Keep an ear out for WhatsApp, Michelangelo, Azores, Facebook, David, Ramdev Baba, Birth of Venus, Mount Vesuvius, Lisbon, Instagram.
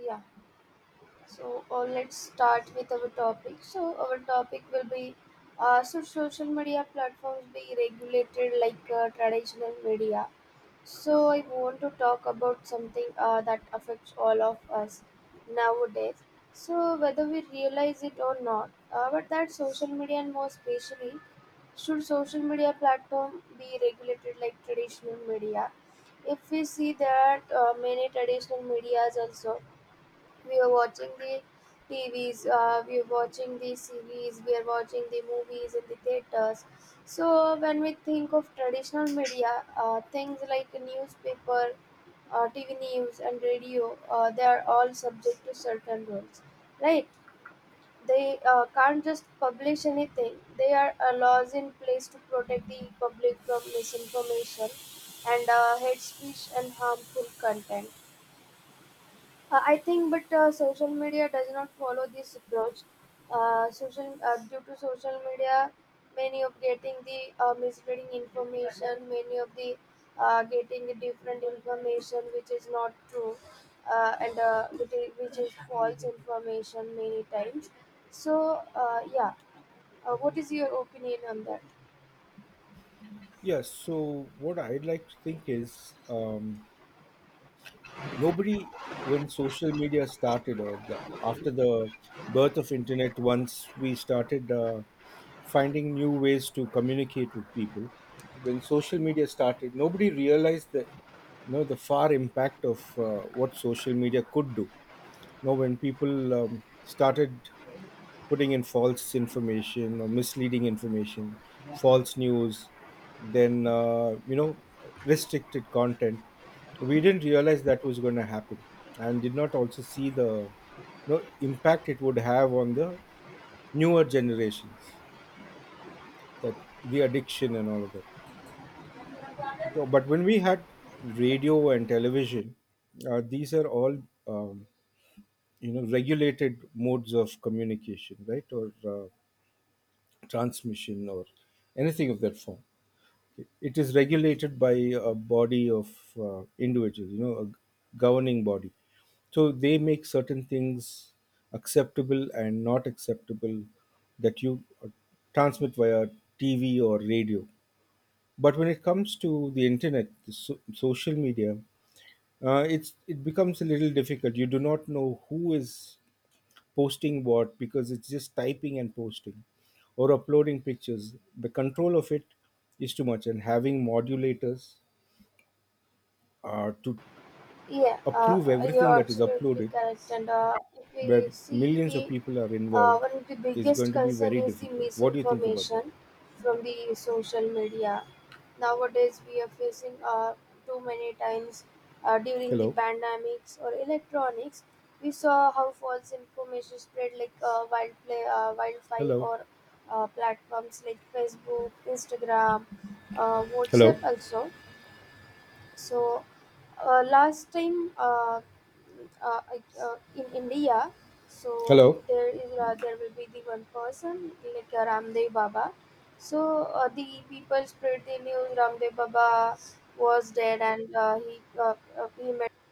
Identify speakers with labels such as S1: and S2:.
S1: Yeah, so let's start with our topic. So our topic will be should social media platforms be regulated like traditional media? So I want to talk about something that affects all of us nowadays. So whether we realize it or not, but that social media and more especially should social media platform be regulated like traditional media? If we see that many traditional medias also we are watching the TVs, we are watching the series, we are watching the movies in the theaters. So when we think of traditional media, things like newspaper, TV news, and radio, they are all subject to certain rules, right? They can't just publish anything. They are laws in place to protect the public from misinformation and hate speech and harmful content. I think, but social media does not follow this approach. Social due to social media, many of getting the misleading information, many of the getting the different information which is not true, and which is false information many times. So yeah, what is your opinion on that?
S2: Yes. So what I'd like to think is nobody, when social media started or after the birth of internet, once we started finding new ways to communicate with people, when social media started, nobody realized the the far impact of what social media could do. You know, when people started putting in false information or misleading information, false news, then restricted content. We didn't realize that was going to happen, and did not also see the impact it would have on the newer generations, that the addiction and all of that. No. But when we had radio and television, these are all um, regulated modes of communication, right? Or transmission or anything of that form. It is regulated by a body of individuals, you know, a governing body. So they make certain things acceptable and not acceptable that you transmit via TV or radio. But when it comes to the internet, the social media, it becomes a little difficult. You do not know who is posting what because it's just typing and posting or uploading pictures. The control of it is too much, and having modulators to
S1: Yeah,
S2: approve everything
S1: you're
S2: that is
S1: absolutely
S2: uploaded,
S1: correct. And if we
S2: where
S1: see
S2: millions of
S1: the
S2: people are involved,
S1: one of the
S2: is
S1: biggest
S2: going to be
S1: concern
S2: very
S1: is the
S2: difficult. What do you think about that?
S1: misinformation from the social media. Nowadays, we are facing too many times during the
S2: Hello,
S1: pandemics or electronics. We saw how false information spread like wildfire
S2: hello,
S1: or platforms like Facebook, Instagram,
S2: hello,
S1: WhatsApp also. So last time in India, so
S2: hello,
S1: there will be the one person like Ramdev Baba. So the people spread the news Ramdev Baba was dead and he met